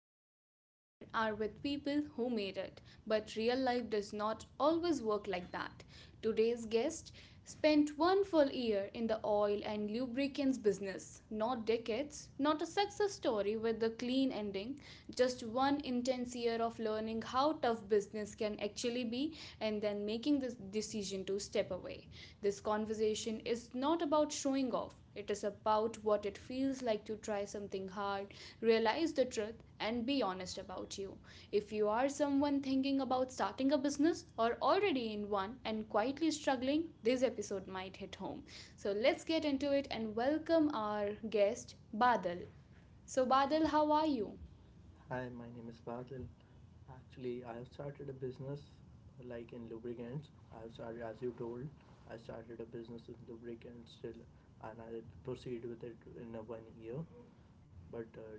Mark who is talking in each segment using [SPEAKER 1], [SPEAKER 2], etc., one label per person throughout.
[SPEAKER 1] conversation you hear are with people who made it, but real life does not always work like that. Today's guest spent one full year in the oil and lubricants business, not decades, not a success story with a clean ending, just one intense year of learning how tough business can actually be and then making the decision to step away. This conversation is not about showing off. It is about what it feels like to try something hard, realize the truth, and be honest about you. If you are someone thinking about starting a business or already in one and quietly struggling, this episode might hit home. So let's get into it and welcome our guest, Badal. So, Badal, how are you?
[SPEAKER 2] Hi, my name is Badil. Actually, I have started a business like in lubricants. I have started, as you told, I started a business in lubricants still, and I proceed with it in a one year, but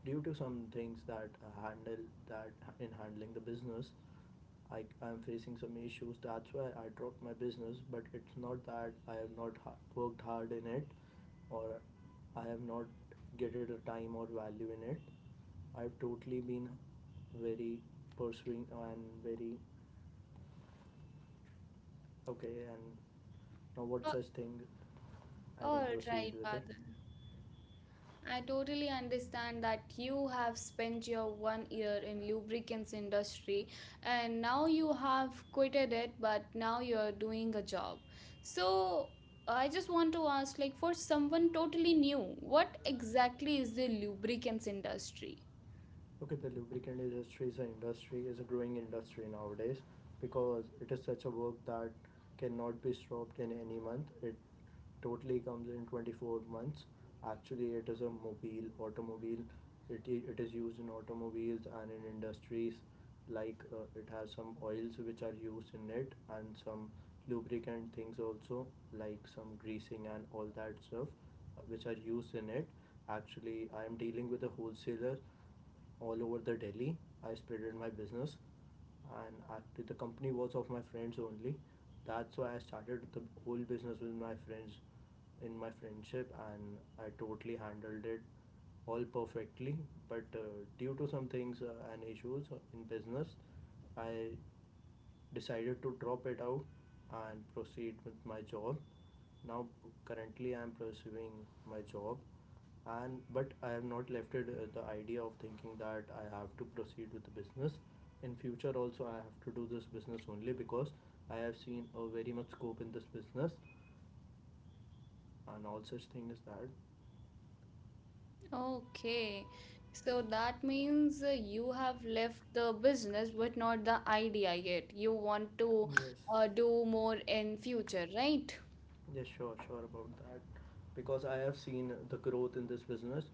[SPEAKER 2] due to some things that, handle that, in handling the business, I'm facing some issues. That's why I dropped my business. But it's not that I have not worked hard in it, or I have not getted a time or value in it. I've totally been very pursuing and very okay. And now what
[SPEAKER 1] Uh,
[SPEAKER 2] such thing, I
[SPEAKER 1] all
[SPEAKER 2] can
[SPEAKER 1] right,
[SPEAKER 2] proceed with it.
[SPEAKER 1] Badal. I totally understand that you have spent your one year in lubricants industry and now you have quitted it but now you're doing a job. So I just want to ask like for someone totally new, what exactly is the lubricants industry?
[SPEAKER 2] Okay, the lubricant industry is an industry is a growing industry nowadays, because it is such a work that cannot be stopped in any month. It totally comes in 24 months. Actually, it is a mobile automobile. It is used in automobiles and in industries, like it has some oils which are used in it, and some lubricant things also, like some greasing and all that stuff which are used in it. Actually, I am dealing with a wholesaler all over the Delhi. I spreaded my business, and actually the company was of my friends only. That's why I started the whole business with my friends, in my friendship, and I totally handled it all perfectly. But due to some things and issues in business, I decided to drop it out and proceed with my job. Now, currently, I am pursuing my job, and but I have not left it, the idea of thinking that I have to proceed with the business. In future, also, I have to do this business only, because I have seen a very much scope in this business, and all such thing is that.
[SPEAKER 1] Okay. So that means you have left the business but not the idea yet. You want to
[SPEAKER 2] Yes.
[SPEAKER 1] do more in future, right?
[SPEAKER 2] Yeah, sure, sure about that. Because I have seen the growth in this business.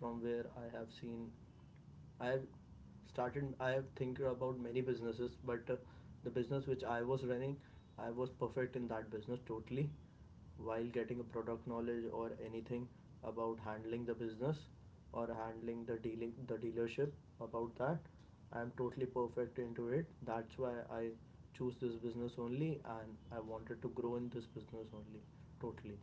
[SPEAKER 2] From where I have seen, I have started, I have think about many businesses, but the business which I was running, I was perfect in that business totally, while getting a product knowledge or anything about handling the business, or handling the dealership about that, I'm totally perfect into it. That's why I choose this business only, and I wanted to grow in this business only, totally.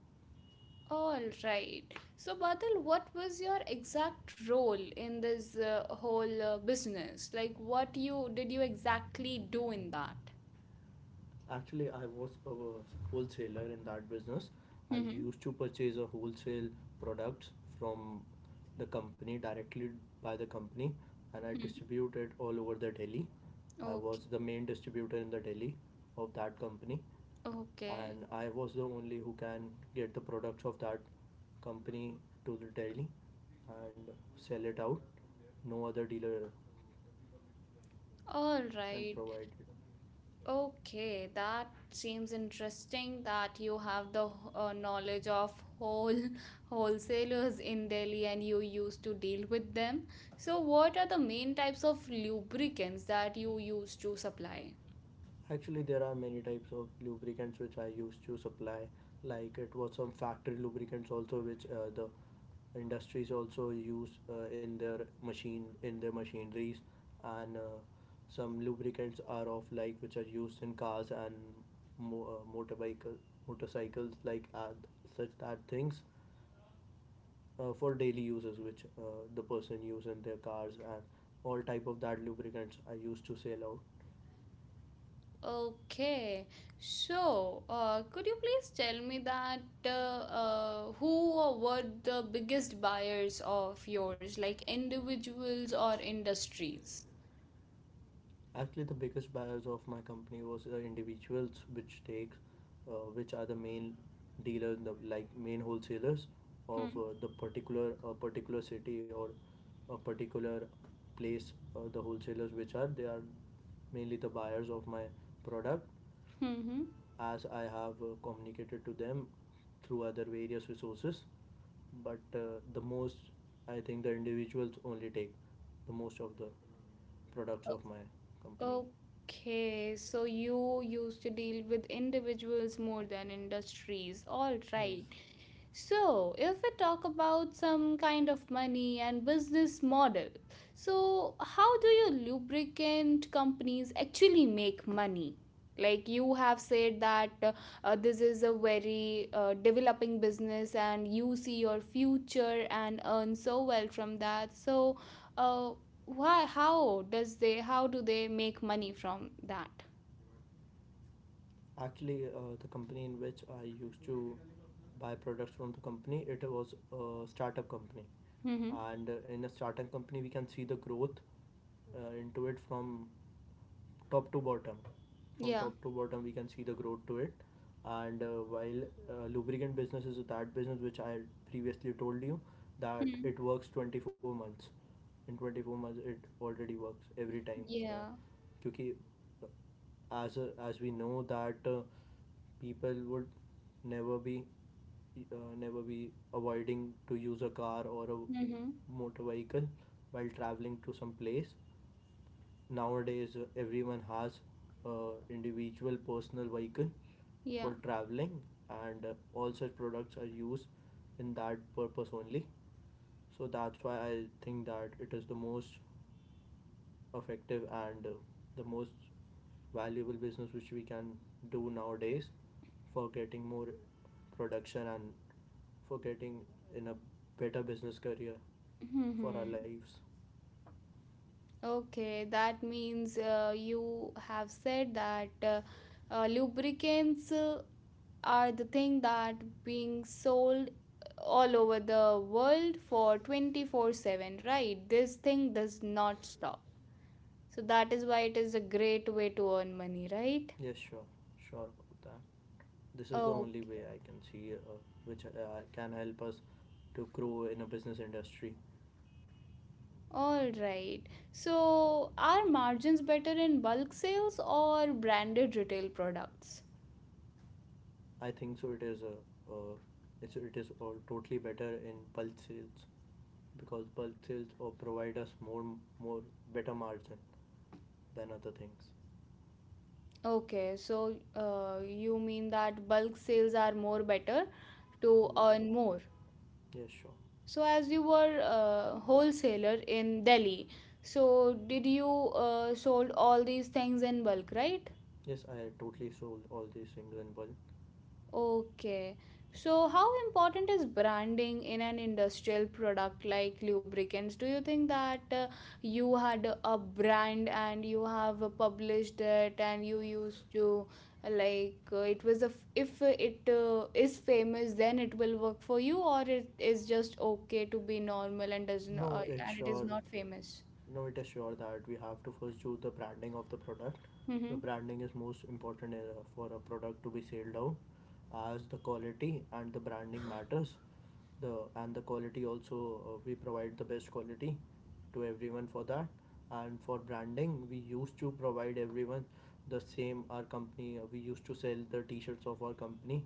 [SPEAKER 1] All right. So, Badal, what was your exact role in this whole business? Like, what you did you exactly do in that?
[SPEAKER 2] Actually, I was a wholesaler in that business. I
[SPEAKER 1] Mm-hmm.
[SPEAKER 2] used to purchase a wholesale products from the company directly, by the company, and I distributed all over the Delhi. I
[SPEAKER 1] Okay.
[SPEAKER 2] was the main distributor in the Delhi of that company,
[SPEAKER 1] Okay.
[SPEAKER 2] and I was the only who can get the products of that company to the Delhi and sell it out. No other dealer
[SPEAKER 1] All
[SPEAKER 2] can
[SPEAKER 1] right.
[SPEAKER 2] provide it.
[SPEAKER 1] Okay. That seems interesting that you have the knowledge of whole wholesalers in Delhi and you used to deal with them. So, what are the main types of lubricants that you used to supply?
[SPEAKER 2] Actually, there are many types of lubricants which I used to supply. Like, it was some factory lubricants also, which the industries also use in their machine in their machineries, and some lubricants are of, like, which are used in cars and mo- motorbike motorcycles, like such that things for daily uses, which the person use in their cars, and all type of that lubricants I used to sell out.
[SPEAKER 1] Okay, so could you please tell me that who or what the biggest buyers of yours, like individuals or industries?
[SPEAKER 2] Actually, the biggest buyers of my company was individuals, which which are the main dealers, the like main wholesalers
[SPEAKER 1] Hmm.
[SPEAKER 2] of the particular a particular city or a particular place. The wholesalers, which are they are mainly the buyers of my product,
[SPEAKER 1] Mm-hmm.
[SPEAKER 2] as I have communicated to them through other various resources. But the most, I think, the individuals only take the most of the products of my company.
[SPEAKER 1] O- Okay, so you used to deal with individuals more than industries. All right.
[SPEAKER 2] Yes.
[SPEAKER 1] So, if we talk about some kind of money and business model, so how do your lubricant companies actually make money? Like you have said that this is a very developing business and you see your future and earn so well from that. So, uh, why? How does they? How do they make money from that?
[SPEAKER 2] Actually, the company in which I used to buy products from the company, it was a startup company.
[SPEAKER 1] Mm-hmm.
[SPEAKER 2] And in a startup company, we can see the growth into it, from top to bottom. From
[SPEAKER 1] Yeah.
[SPEAKER 2] top to bottom, we can see the growth to it. And while lubricant business is that business which I previously told you that
[SPEAKER 1] Hmm.
[SPEAKER 2] it works 24 months. In 24 months, it already works every time.
[SPEAKER 1] Yeah.
[SPEAKER 2] क्योंकि, as we know that people would never be never be avoiding to use a car or a
[SPEAKER 1] Mm-hmm.
[SPEAKER 2] motor vehicle while traveling to some place. Nowadays, everyone has uh, individual personal vehicle
[SPEAKER 1] Yeah.
[SPEAKER 2] for traveling, and all such products are used in that purpose only. So that's why I think that it is the most effective and, the most valuable business which we can do nowadays, for getting more production and for getting in a better business career for our
[SPEAKER 1] Mm-hmm.
[SPEAKER 2] lives.
[SPEAKER 1] Okay, that means you have said that lubricants are the thing that being sold all over the world for 24/7, right? This thing does not stop. So that is why it is a great way to earn money, right?
[SPEAKER 2] Yes, sure, sure about that. This is the only
[SPEAKER 1] Okay.
[SPEAKER 2] way I can see, which can help us to grow in a business industry.
[SPEAKER 1] All right. So are margins better in bulk sales or branded retail products?
[SPEAKER 2] I think so. Uh, it is all totally better in bulk sales, because bulk sales or provide us more better margin than other things.
[SPEAKER 1] Okay, so you mean that bulk sales are more better to
[SPEAKER 2] Yes.
[SPEAKER 1] earn more.
[SPEAKER 2] Yes, sure.
[SPEAKER 1] So as you were a wholesaler in Delhi, so did you sold all these things in bulk, right?
[SPEAKER 2] Yes, I totally sold all these things in bulk.
[SPEAKER 1] Okay. So, how important is branding in an industrial product like lubricants? Do you think that you had a brand and you have published it and you used to like it was a if it is famous then it will work for you or it is just okay to be normal and doesn't
[SPEAKER 2] No, it's
[SPEAKER 1] and it is
[SPEAKER 2] sure.
[SPEAKER 1] not famous.
[SPEAKER 2] No, it is sure that we have to first do the branding of the product. The
[SPEAKER 1] Mm-hmm.
[SPEAKER 2] branding is most important for a product to be sold out, as the quality and the branding matters. The and the quality also, we provide the best quality to everyone for that. And for branding, we used to provide everyone the same. Our company, we used to sell the T-shirts of our company,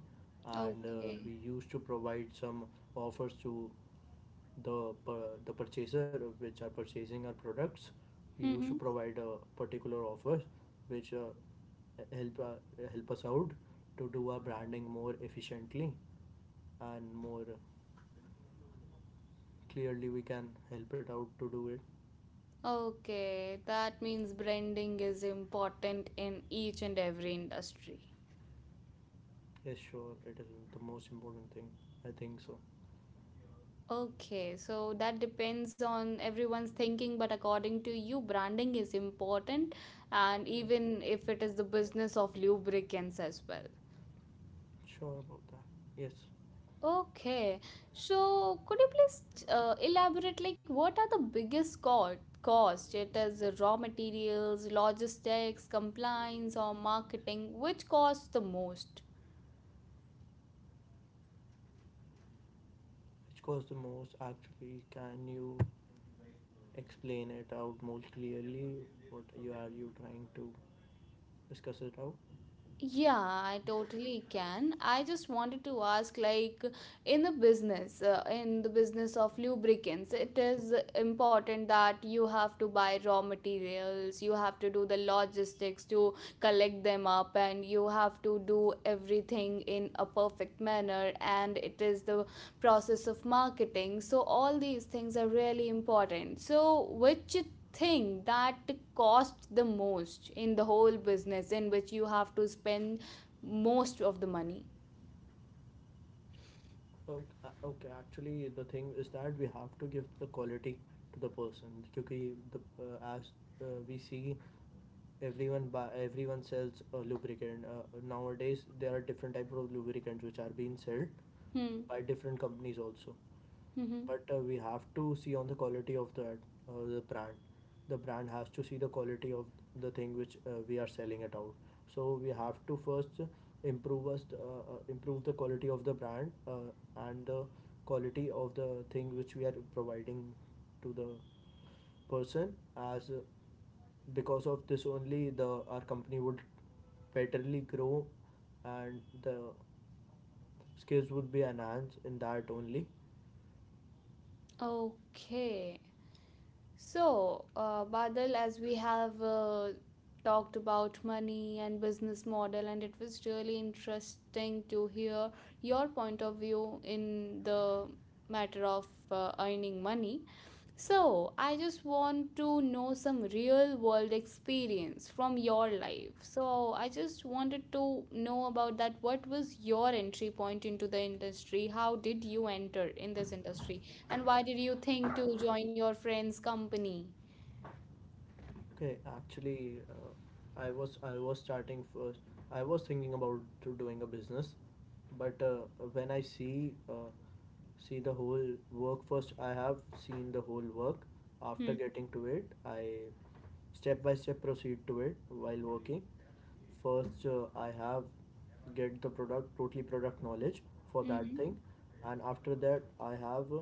[SPEAKER 2] and
[SPEAKER 1] Okay.
[SPEAKER 2] we used to provide some offers to the the purchaser which are purchasing our products. We used to
[SPEAKER 1] Mm-hmm.
[SPEAKER 2] provide a particular offers which help uh, help us out to do our branding more efficiently and more clearly. We can help it out to do it.
[SPEAKER 1] Okay, that means branding is important in each and every industry.
[SPEAKER 2] Yes, sure, it is the most important thing, I think so.
[SPEAKER 1] Okay, so that depends on everyone's thinking, but according to you, branding is important, and
[SPEAKER 2] Yeah,
[SPEAKER 1] even if it is the business of lubricants as well.
[SPEAKER 2] sure about that, yes.
[SPEAKER 1] Okay, so could you please elaborate like what are the biggest cost? It is raw materials, logistics, compliance, or marketing. Which costs the most?
[SPEAKER 2] Which cost the most? Actually, can you explain it out more clearly what you trying to discuss it out?
[SPEAKER 1] Yeah, I totally can. I just wanted to ask, like, in the business of lubricants, it is important that you have to buy raw materials, you have to do the logistics to collect them up and you have to do everything in a perfect manner and it is the process of marketing, so all these things are really important, so which thing that costs the most in the whole business in which you have to spend most of the money.
[SPEAKER 2] Okay, actually, the thing is that we have to give the quality to the person. Because the as we see, everyone sells a lubricant. Nowadays, there are different type of lubricants which are being sold
[SPEAKER 1] Hmm.
[SPEAKER 2] by different companies also.
[SPEAKER 1] Mm-hmm.
[SPEAKER 2] But we have to see on the quality of that uh, the brand the brand has to see the quality of the thing which we are selling it out. So we have to first improve the quality of the brand, and the quality of the thing which we are providing to the person. As Because of this only, the our company would betterly grow, and the skills would be enhanced in that only.
[SPEAKER 1] Okay. So, Badal, as we have talked about money and business model, and it was really interesting to hear your point of view in the matter of earning money. So, I just want to know some real world experience from your life. So, I just wanted to know about that. What was your entry point into the industry? How did you enter in this industry? And why did you think to join your friend's company?
[SPEAKER 2] Okay, actually, I was starting first. I was thinking about to doing a business, but when I see the whole work first, I have seen the whole work.
[SPEAKER 1] Hmm.
[SPEAKER 2] After getting to it, I step by step proceed to it while working. First, I have get the product, totally product knowledge for that
[SPEAKER 1] Mm-hmm.
[SPEAKER 2] thing. And after that, I have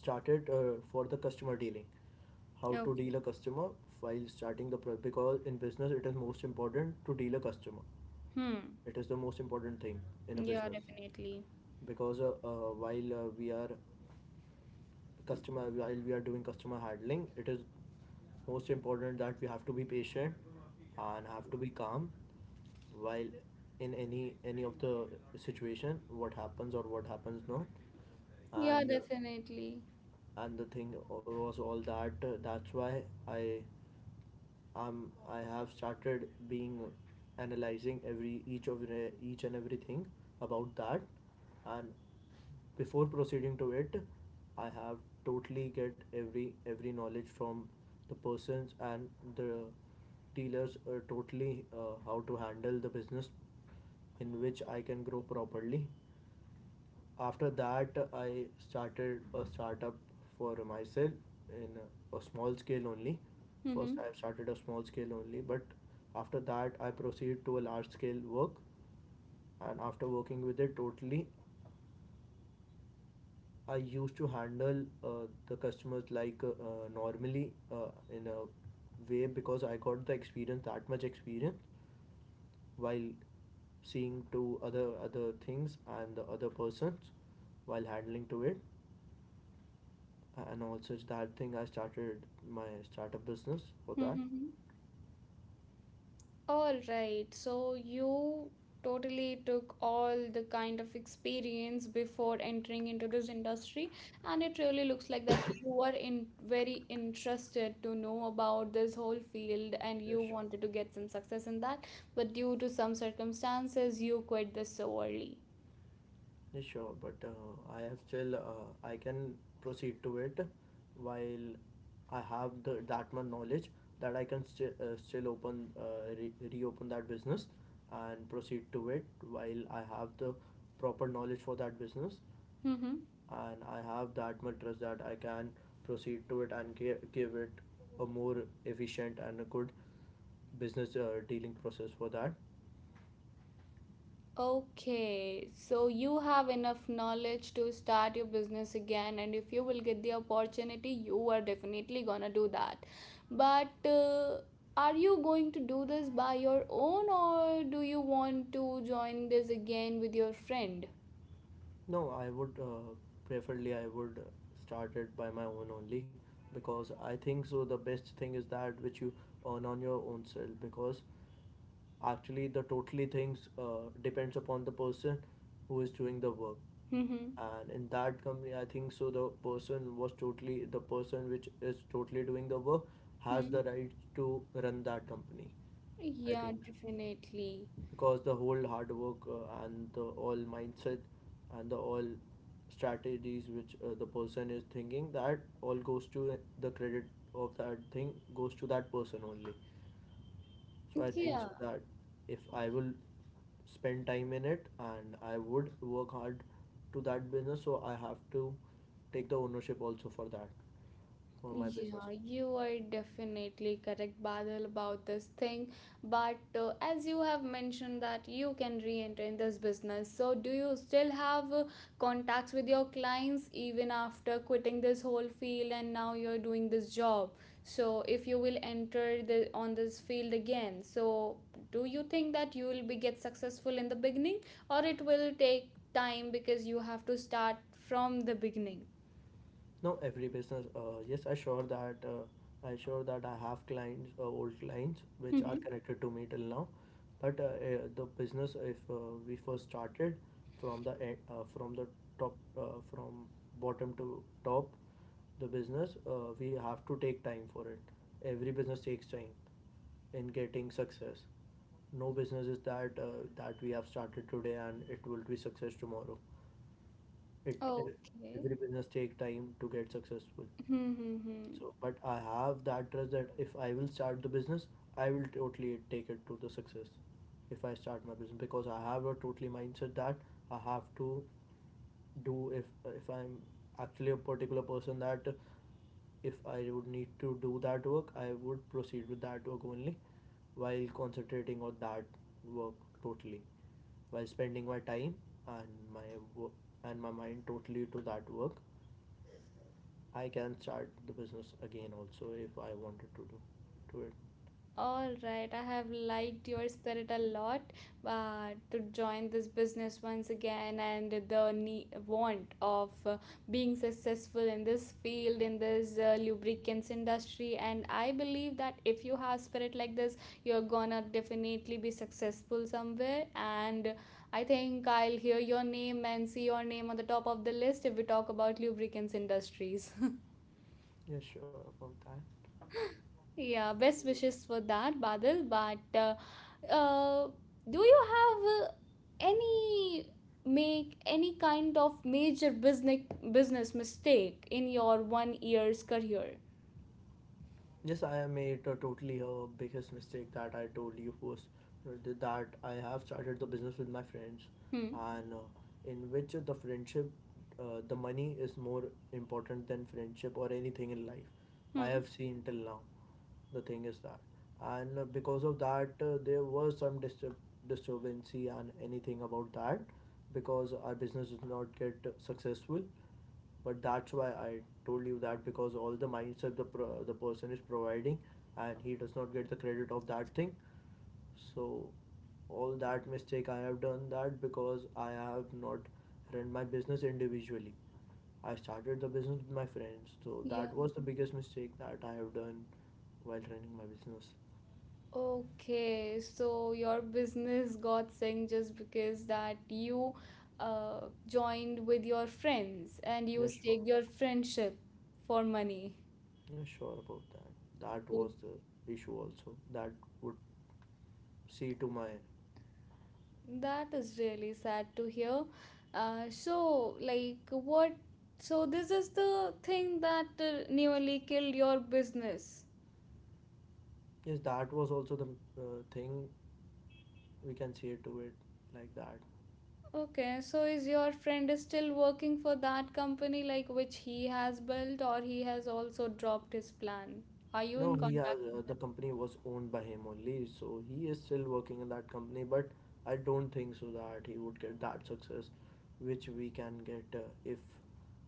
[SPEAKER 2] started for the customer dealing, how
[SPEAKER 1] Okay.
[SPEAKER 2] to deal a customer while starting the product. Because in business, it is most important to deal a customer.
[SPEAKER 1] Hmm.
[SPEAKER 2] It is the most important thing in a
[SPEAKER 1] Yeah,
[SPEAKER 2] business,
[SPEAKER 1] definitely.
[SPEAKER 2] because while we are doing customer handling, it is most important that we have to be patient and have to be calm, while in any of the situation, what happens or what happens not.
[SPEAKER 1] Yeah,
[SPEAKER 2] And
[SPEAKER 1] definitely.
[SPEAKER 2] and the thing was all that. That's why I, I have started being analyzing every each of each and everything about that. And before proceeding to it, I have totally get every knowledge from the persons and the dealers, totally, how to handle the business in which I can grow properly. After that, I started a startup for myself, in a small scale only. First,
[SPEAKER 1] Mm-hmm.
[SPEAKER 2] I started a small scale only, but after that, I proceeded to a large scale work. And after working with it totally, I used to handle the customers, like, normally, in a way, because I got the experience, that much experience, while seeing to other things and the other persons while handling to it. And also it's that thing, I started my startup business for that.
[SPEAKER 1] Mm-hmm. All right. So you totally took all the kind of experience before entering into this industry, and it really looks like that you were in very interested to know about this whole field and
[SPEAKER 2] Yeah,
[SPEAKER 1] you
[SPEAKER 2] sure.
[SPEAKER 1] wanted to get some success in that, but due to some circumstances, you quit this so early.
[SPEAKER 2] Yeah, sure. But I am still, I can proceed to it, while I have that much knowledge that I can still reopen that business and proceed to it, while I have the proper knowledge for that business,
[SPEAKER 1] Mm-hmm.
[SPEAKER 2] and I have that much trust that I can proceed to it and give it a more efficient and a good business dealing process for that.
[SPEAKER 1] Okay, so you have enough knowledge to start your business again, and if you will get the opportunity, you are definitely gonna do that. But are you going to do this by your own, or do you want to join this again with your friend?
[SPEAKER 2] No, I would preferably I would start it by my own only because I think so the best thing is that which you earn on your own self because actually, the totally things depends upon the person who is doing the work.
[SPEAKER 1] Mm-hmm.
[SPEAKER 2] And in that company, I think so. The person was totally the person which is totally doing the work has the right to run that company. I
[SPEAKER 1] Yeah,
[SPEAKER 2] think,
[SPEAKER 1] definitely.
[SPEAKER 2] because the whole hard work and the all mindset and the all strategies which the person is thinking, that all goes to the credit of that thing goes to that person only. So I think
[SPEAKER 1] Yeah.
[SPEAKER 2] so that if I will spend time in it and I would work hard to that business, so I have to take the ownership also for that, for my business.
[SPEAKER 1] Yeah, you are definitely correct, Badal, about this thing. But as you have mentioned that you can re-enter in this business, so do you still have contacts with your clients even after quitting this whole field and now you're doing this job? So if you will enter the on this field again, so do you think that you will be get successful in the beginning or it will take time because you have to start from the beginning?
[SPEAKER 2] Now every business, yes, I sure that I sure that I have clients, old clients, which are
[SPEAKER 1] Mm-hmm.
[SPEAKER 2] connected to me till now. But the business, if we first started from the from the top, from bottom to top, the business, we have to take time for it. Every business takes time in getting success. No business is that that we have started today and it will be success tomorrow. It
[SPEAKER 1] Okay.
[SPEAKER 2] Every business take time to get successful,
[SPEAKER 1] Hmm, hmm, hmm.
[SPEAKER 2] so but I have that trust that if I will start the business, I will totally take it to the success if I start my business, because I have a totally mindset that I have to do. If I'm actually a particular person that if I would need to do that work, I would proceed with that work only, while concentrating on that work totally, while spending my time and my work and my mind totally to that work, I can start the business again also if I wanted to do to it.
[SPEAKER 1] All right, I have liked your spirit a lot to join this business once again, and the need, want of being successful in this field, in this lubricants industry. And I believe that if you have spirit like this, you're gonna definitely be successful somewhere. And I think I'll hear your name and see your name on the top of the list if we talk about lubricants industries.
[SPEAKER 2] Yeah, sure about that.
[SPEAKER 1] Yeah, best wishes for that, Badal. But uh, do you have any any kind of major business mistake in your one year's career?
[SPEAKER 2] Yes, I made a totally a biggest mistake that I told you was that I have started the business with my friends,
[SPEAKER 1] Hmm.
[SPEAKER 2] and in which the friendship, the money is more important than friendship or anything in life. I
[SPEAKER 1] Hmm.
[SPEAKER 2] have seen till now. The thing is that, and because of that, there was some disturbancy and anything about that, because our business did not get successful. But that's why I told you that because all the mindset, the person is providing and he does not get the credit of that thing. So all that mistake I have done, that because I have not run my business individually, I started the business with my friends, so
[SPEAKER 1] Yeah.
[SPEAKER 2] that was the biggest mistake that I have done while running my business.
[SPEAKER 1] Okay. So your business got sank just because that you joined with your friends and you
[SPEAKER 2] Yeah, sure.
[SPEAKER 1] stake your friendship for money.
[SPEAKER 2] Yeah, sure about that. That was the issue also that would see to my.
[SPEAKER 1] That is really sad to hear. So, like, what? So, this is the thing that nearly killed your business.
[SPEAKER 2] Yes, that was also the uh, thing, we can say to it like that.
[SPEAKER 1] Okay, so is your friend is still working for that company, like which he has built, or he has also dropped his plan? Are you
[SPEAKER 2] No,
[SPEAKER 1] in
[SPEAKER 2] he
[SPEAKER 1] contact
[SPEAKER 2] has
[SPEAKER 1] with
[SPEAKER 2] the
[SPEAKER 1] them
[SPEAKER 2] company was owned by him only, so he is still working in that company. But I don't think so that he would get that success, which we can get if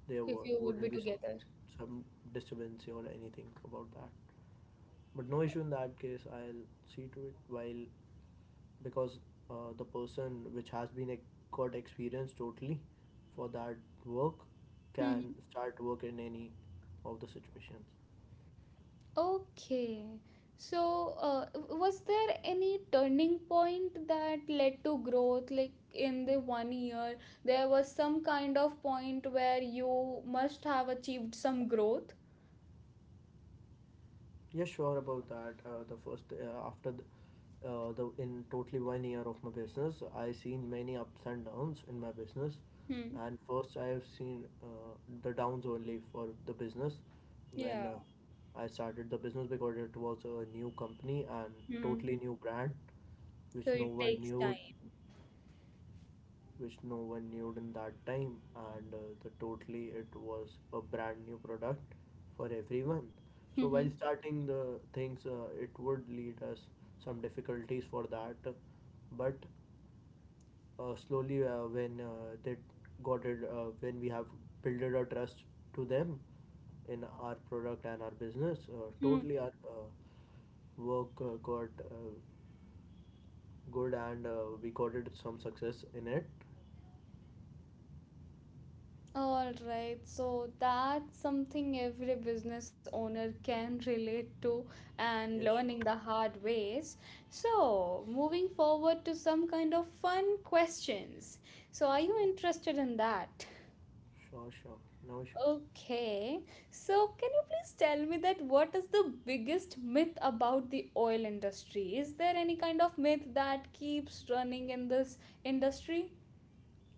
[SPEAKER 2] there
[SPEAKER 1] if
[SPEAKER 2] were,
[SPEAKER 1] you would be
[SPEAKER 2] wouldn't be some
[SPEAKER 1] together?
[SPEAKER 2] some disturbance or anything about that. But no issue in that case. I'll see to it while because the person which got experience totally for that work
[SPEAKER 1] Hmm.
[SPEAKER 2] can start work in any of the situations.
[SPEAKER 1] Okay. So, was there any turning point that led to growth? Like in the one year, there was some kind of point where you must have achieved some growth.
[SPEAKER 2] Yeah, sure about that. The first after the in totally one year of my business, I seen many ups and downs in my business,
[SPEAKER 1] Hmm.
[SPEAKER 2] and first I have seen the downs only for the business
[SPEAKER 1] Yeah.
[SPEAKER 2] when I started the business because it was a new company and
[SPEAKER 1] Hmm.
[SPEAKER 2] totally new brand,
[SPEAKER 1] So
[SPEAKER 2] which no
[SPEAKER 1] it
[SPEAKER 2] one
[SPEAKER 1] takes
[SPEAKER 2] knew
[SPEAKER 1] time.
[SPEAKER 2] which no one knew in that time. And the totally it was a brand new product for everyone. So while starting the things, it would lead us some difficulties for that. But slowly, when they got it, when we have built a trust to them in our product and our business,
[SPEAKER 1] Hmm.
[SPEAKER 2] totally our work got good, and we got it some success in it.
[SPEAKER 1] All right, so that's something every business owner can relate to and
[SPEAKER 2] Yes,
[SPEAKER 1] learning
[SPEAKER 2] sure,
[SPEAKER 1] the hard ways. So, moving forward to some kind of fun questions. So, are you interested in that?
[SPEAKER 2] sure, sure. No issues.
[SPEAKER 1] Okay, so can you please tell me that what is the biggest myth about the oil industry? Is there any kind of myth that keeps running in this industry?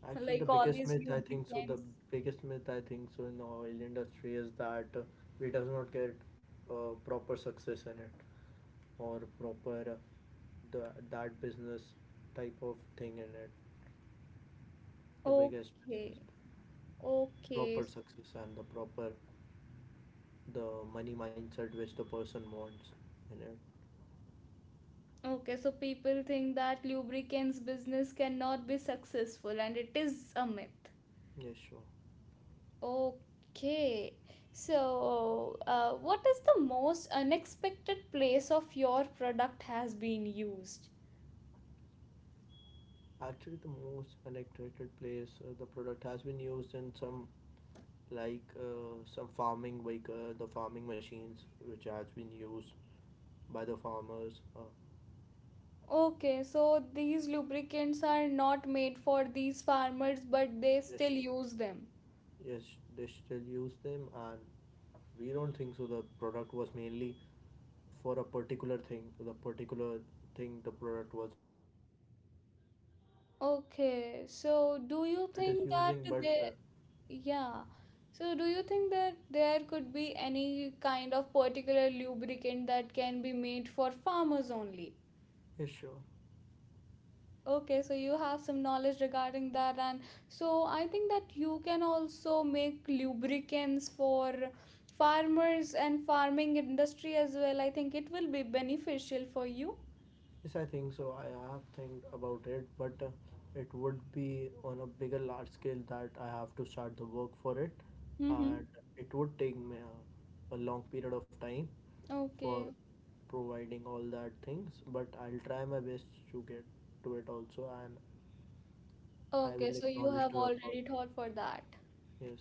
[SPEAKER 2] Actually,
[SPEAKER 1] Like
[SPEAKER 2] the
[SPEAKER 1] all
[SPEAKER 2] biggest
[SPEAKER 1] these
[SPEAKER 2] myth I think so. The
[SPEAKER 1] lubricants?
[SPEAKER 2] biggest myth I think so in the oil industry is that we does not get proper success in it, or proper the that business type of thing in it. The biggest myth
[SPEAKER 1] Okay.
[SPEAKER 2] is
[SPEAKER 1] Okay.
[SPEAKER 2] proper success and the proper, the money mindset which the person wants in it.
[SPEAKER 1] Okay, so people think that lubricants business cannot be successful and it is a myth.
[SPEAKER 2] Yes, sure.
[SPEAKER 1] Okay. So, what is the most unexpected place of your product has been used?
[SPEAKER 2] Actually, the most unexpected place the product has been used in some, like, some farming, like the farming machines which has been used by the farmers.
[SPEAKER 1] Okay, so these lubricants are not made for these farmers but they
[SPEAKER 2] Yes,
[SPEAKER 1] still
[SPEAKER 2] sure.
[SPEAKER 1] use them.
[SPEAKER 2] Yes, they still use them, and we don't think so. The product was mainly for a particular thing the product was made up of, and for
[SPEAKER 1] Okay,
[SPEAKER 2] external user
[SPEAKER 1] so
[SPEAKER 2] it is
[SPEAKER 1] do you
[SPEAKER 2] using. But
[SPEAKER 1] think
[SPEAKER 2] uh,
[SPEAKER 1] that they. Yeah. So, do you think that there could be any kind of particular lubricant that can be made for farmers only?
[SPEAKER 2] yes, sure.
[SPEAKER 1] Okay, so you have some knowledge regarding that, and so I think that you can also make lubricants for farmers and farming industry as well. I think it will be beneficial for you.
[SPEAKER 2] Yes, I think so. I have think about it, but it would be on a bigger large scale that I have to start the work for it,
[SPEAKER 1] Mm-hmm.
[SPEAKER 2] and it would take me a long period of time for
[SPEAKER 1] Okay.
[SPEAKER 2] providing all that things. But I'll try my best to get to it also, and I
[SPEAKER 1] Okay,
[SPEAKER 2] will
[SPEAKER 1] so you
[SPEAKER 2] acknowledge
[SPEAKER 1] have
[SPEAKER 2] to your thought.
[SPEAKER 1] already thought for that.
[SPEAKER 2] Yes,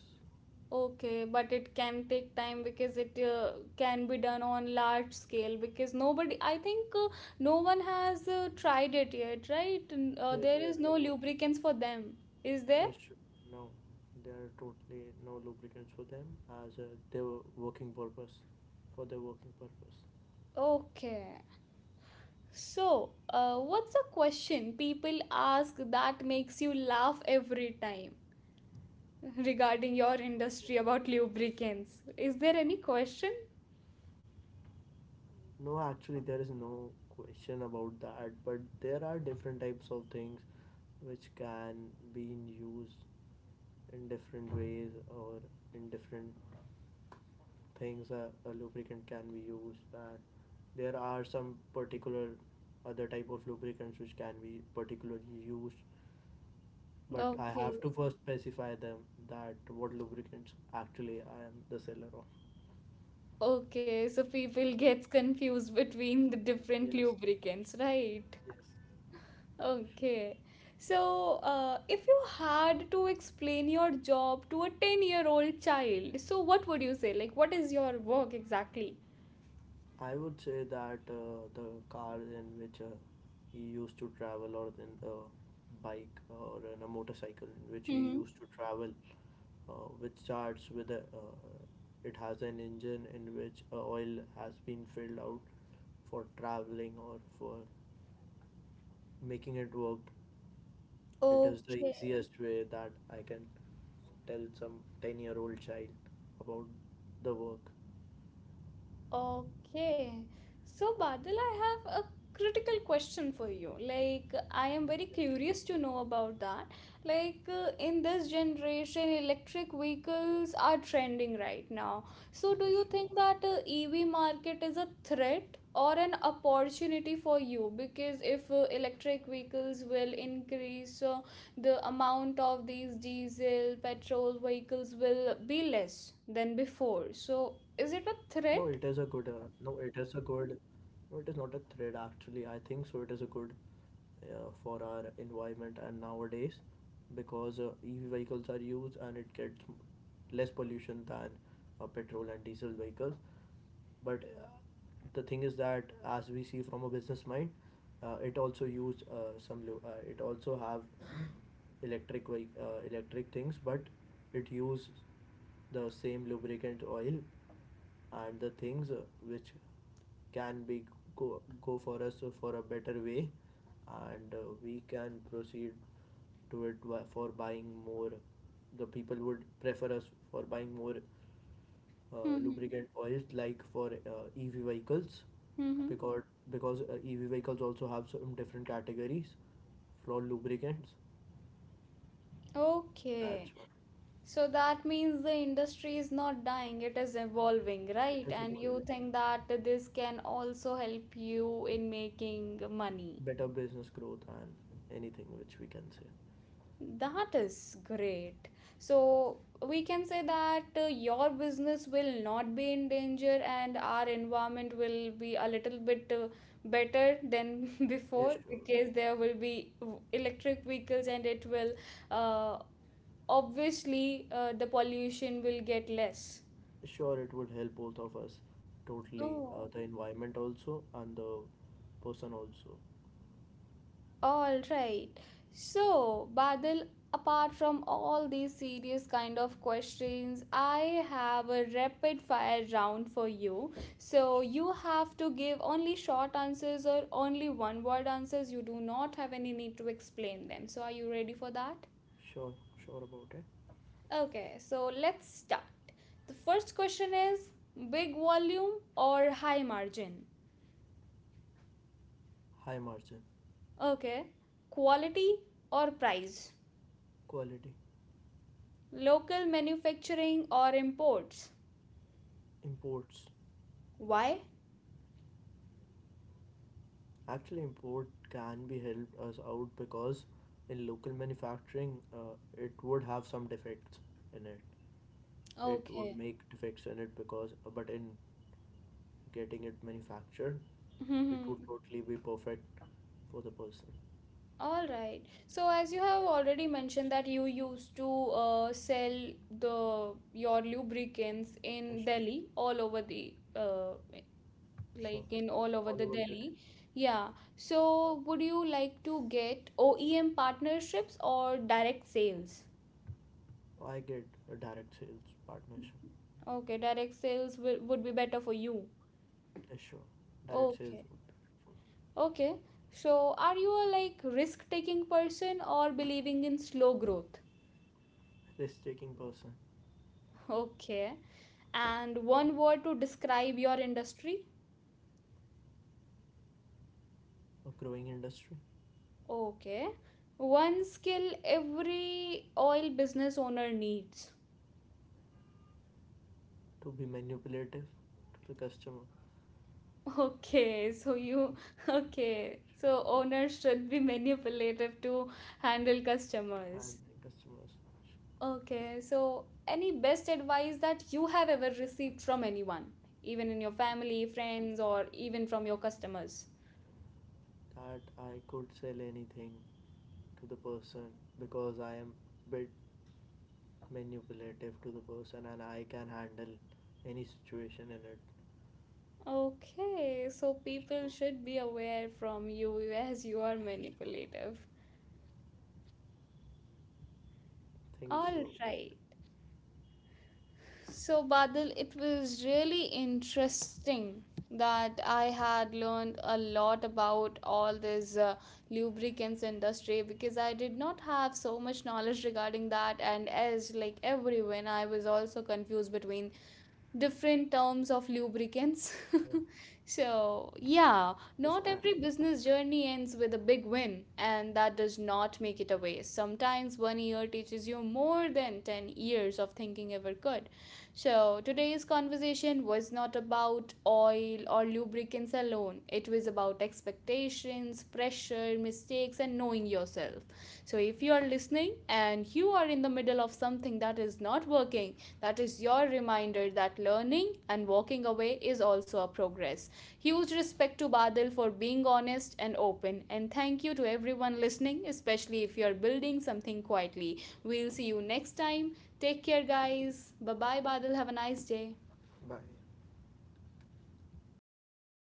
[SPEAKER 1] Okay, but it can take time because it can be done on large scale because nobody, I think no one has tried it yet, right?
[SPEAKER 2] yes,
[SPEAKER 1] There is no
[SPEAKER 2] no worries.
[SPEAKER 1] lubricants for them, is there?
[SPEAKER 2] Yes, sure. No, there are totally no lubricants for them as their working purpose, for their working purpose.
[SPEAKER 1] Okay. So, what's a question people ask that makes you laugh every time regarding your
[SPEAKER 2] Okay.
[SPEAKER 1] industry about lubricants? Is there any question?
[SPEAKER 2] No, actually, there is no question about that, but there are different types of things which can be in use in different ways or in different things a lubricant can be used, and there are some particular other type of lubricants which can be particularly used, but I have
[SPEAKER 1] Okay.
[SPEAKER 2] to first specify them that what lubricants actually I am the seller of.
[SPEAKER 1] Okay, so people
[SPEAKER 2] Sure.
[SPEAKER 1] gets confused between the different
[SPEAKER 2] Yes.
[SPEAKER 1] lubricants, right?
[SPEAKER 2] Yes.
[SPEAKER 1] Okay. So, if you had to explain your job to a 10-year-old child, so what would you say? Like, what is your work exactly?
[SPEAKER 2] I would say that the cars in which he used to travel, or in a bike or in a motorcycle in which he
[SPEAKER 1] Hmm.
[SPEAKER 2] used to travel, uh, which starts with it has an engine in which oil has been filled out for traveling or for making it work. It is the
[SPEAKER 1] Okay.
[SPEAKER 2] easiest way that I can tell some 10-year-old child about the work.
[SPEAKER 1] Okay. So, Badal, I have a critical question for you. Like, I am very
[SPEAKER 2] Yes, sure.
[SPEAKER 1] curious to know about that. Like, in this generation, electric vehicles are trending right now. So, do
[SPEAKER 2] Yes,
[SPEAKER 1] you
[SPEAKER 2] sure.
[SPEAKER 1] think that EV market is a threat or an opportunity for you? Because if electric vehicles will increase, so the amount of these diesel, petrol vehicles will be less than
[SPEAKER 2] No,
[SPEAKER 1] before.
[SPEAKER 2] it is a
[SPEAKER 1] So,
[SPEAKER 2] good.
[SPEAKER 1] is it a
[SPEAKER 2] No, it is a
[SPEAKER 1] threat?
[SPEAKER 2] good. No, it is not a threat actually. I think so. It is a good for our environment and nowadays, because EV vehicles are used and it gets less pollution than petrol and diesel vehicles. But the thing is that as we see from a business mind, it also used some. It also have electric things, but it uses the same lubricant oil and the things, which can be go, go for us for a better way, and we can proceed to it for buying more. The people would prefer us for buying more
[SPEAKER 1] Mm-hmm.
[SPEAKER 2] lubricant oils, like for EV vehicles,
[SPEAKER 1] Mm-hmm.
[SPEAKER 2] because EV vehicles also have some different categories for lubricants, that's
[SPEAKER 1] Okay.
[SPEAKER 2] why.
[SPEAKER 1] So that means the industry is not dying, it is evolving,
[SPEAKER 2] It
[SPEAKER 1] right?
[SPEAKER 2] is
[SPEAKER 1] And
[SPEAKER 2] evolving.
[SPEAKER 1] you think that this can also help you in making money.
[SPEAKER 2] Better business growth and anything which we can say.
[SPEAKER 1] That is great. So we can say that your business will not be in danger and our environment will be a little bit better than
[SPEAKER 2] Yeah,
[SPEAKER 1] before
[SPEAKER 2] sure.
[SPEAKER 1] because there will be electric vehicles and it will uh, obviously the pollution will get less.
[SPEAKER 2] Sure, it would help both of us totally. Uh,
[SPEAKER 1] Oh,
[SPEAKER 2] the environment also and the person also.
[SPEAKER 1] all right. So, Badal, apart from all these serious kind of questions, I have a rapid fire round for you. So,
[SPEAKER 2] Sure,
[SPEAKER 1] you have to give only short answers or only one word answers. You do not have any need to explain them. So, are you ready for that?
[SPEAKER 2] sure, sure about it.
[SPEAKER 1] Okay, so let's start. The first question is big volume or high margin?
[SPEAKER 2] High margin,
[SPEAKER 1] Okay. Quality or price?
[SPEAKER 2] quality,
[SPEAKER 1] Local manufacturing or imports?
[SPEAKER 2] imports.
[SPEAKER 1] Why?
[SPEAKER 2] Actually, import can be helped us out because in local manufacturing, it would have some defects in it. It
[SPEAKER 1] Okay.
[SPEAKER 2] would make defects in it, because but in getting it manufactured, it
[SPEAKER 1] Hmm.
[SPEAKER 2] would totally be perfect for the person.
[SPEAKER 1] All right. So as you have already mentioned that you used to sell the your lubricants in
[SPEAKER 2] Yes,
[SPEAKER 1] Delhi, all over the
[SPEAKER 2] sure.
[SPEAKER 1] like in all over
[SPEAKER 2] All
[SPEAKER 1] the
[SPEAKER 2] over the day.
[SPEAKER 1] Delhi. Yeah. So would you like to get OEM partnerships or direct sales?
[SPEAKER 2] I get a direct sales partnership.
[SPEAKER 1] Okay, direct sales would be better for you.
[SPEAKER 2] Yes, sure. Direct sales would
[SPEAKER 1] Okay.
[SPEAKER 2] be helpful.
[SPEAKER 1] Okay. So, are you a like risk-taking person or believing in slow growth?
[SPEAKER 2] Risk-taking person.
[SPEAKER 1] Okay. And
[SPEAKER 2] Sure.
[SPEAKER 1] one word to describe your industry?
[SPEAKER 2] A growing industry.
[SPEAKER 1] Okay. One skill every oil business owner needs.
[SPEAKER 2] To be manipulative to the customer.
[SPEAKER 1] Okay, so
[SPEAKER 2] Yes, sure,
[SPEAKER 1] you okay.
[SPEAKER 2] sure.
[SPEAKER 1] So owners should be manipulative to handle customers.
[SPEAKER 2] Handling customers. Sure.
[SPEAKER 1] Okay, so any best advice that you have ever received from anyone, even in your family, friends, or even from your customers?
[SPEAKER 2] That I could sell anything to the person, because I am a bit manipulative to the person and I can handle any situation in it.
[SPEAKER 1] Okay, so people
[SPEAKER 2] I
[SPEAKER 1] should be aware from you as you are manipulative.
[SPEAKER 2] think
[SPEAKER 1] All
[SPEAKER 2] so.
[SPEAKER 1] right. So, Badal, it was really interesting that I had learned a lot about all these lubricants industry because I did not have so much knowledge regarding that and as like everyone I was also confused between different terms of lubricants.
[SPEAKER 2] Yeah.
[SPEAKER 1] So, yeah,
[SPEAKER 2] Yes,
[SPEAKER 1] not
[SPEAKER 2] I.
[SPEAKER 1] every business journey ends with a big win, and that does not make it a waste. Sometimes one year teaches you more than 10 years of thinking ever could. So, today's conversation was not about oil or lubricants appearance alone. It was about expectations, pressure, mistakes, and knowing yourself. So, if you are listening and you are in the middle of something that is not working, that is your reminder that learning and walking away is also a progress. Huge respect to Badil for being honest and open, and thank you to everyone listening, especially if you are building something quietly. We'll see you next time. Take care, guys. Bye bye, Badil. Have a nice day.
[SPEAKER 2] Bye.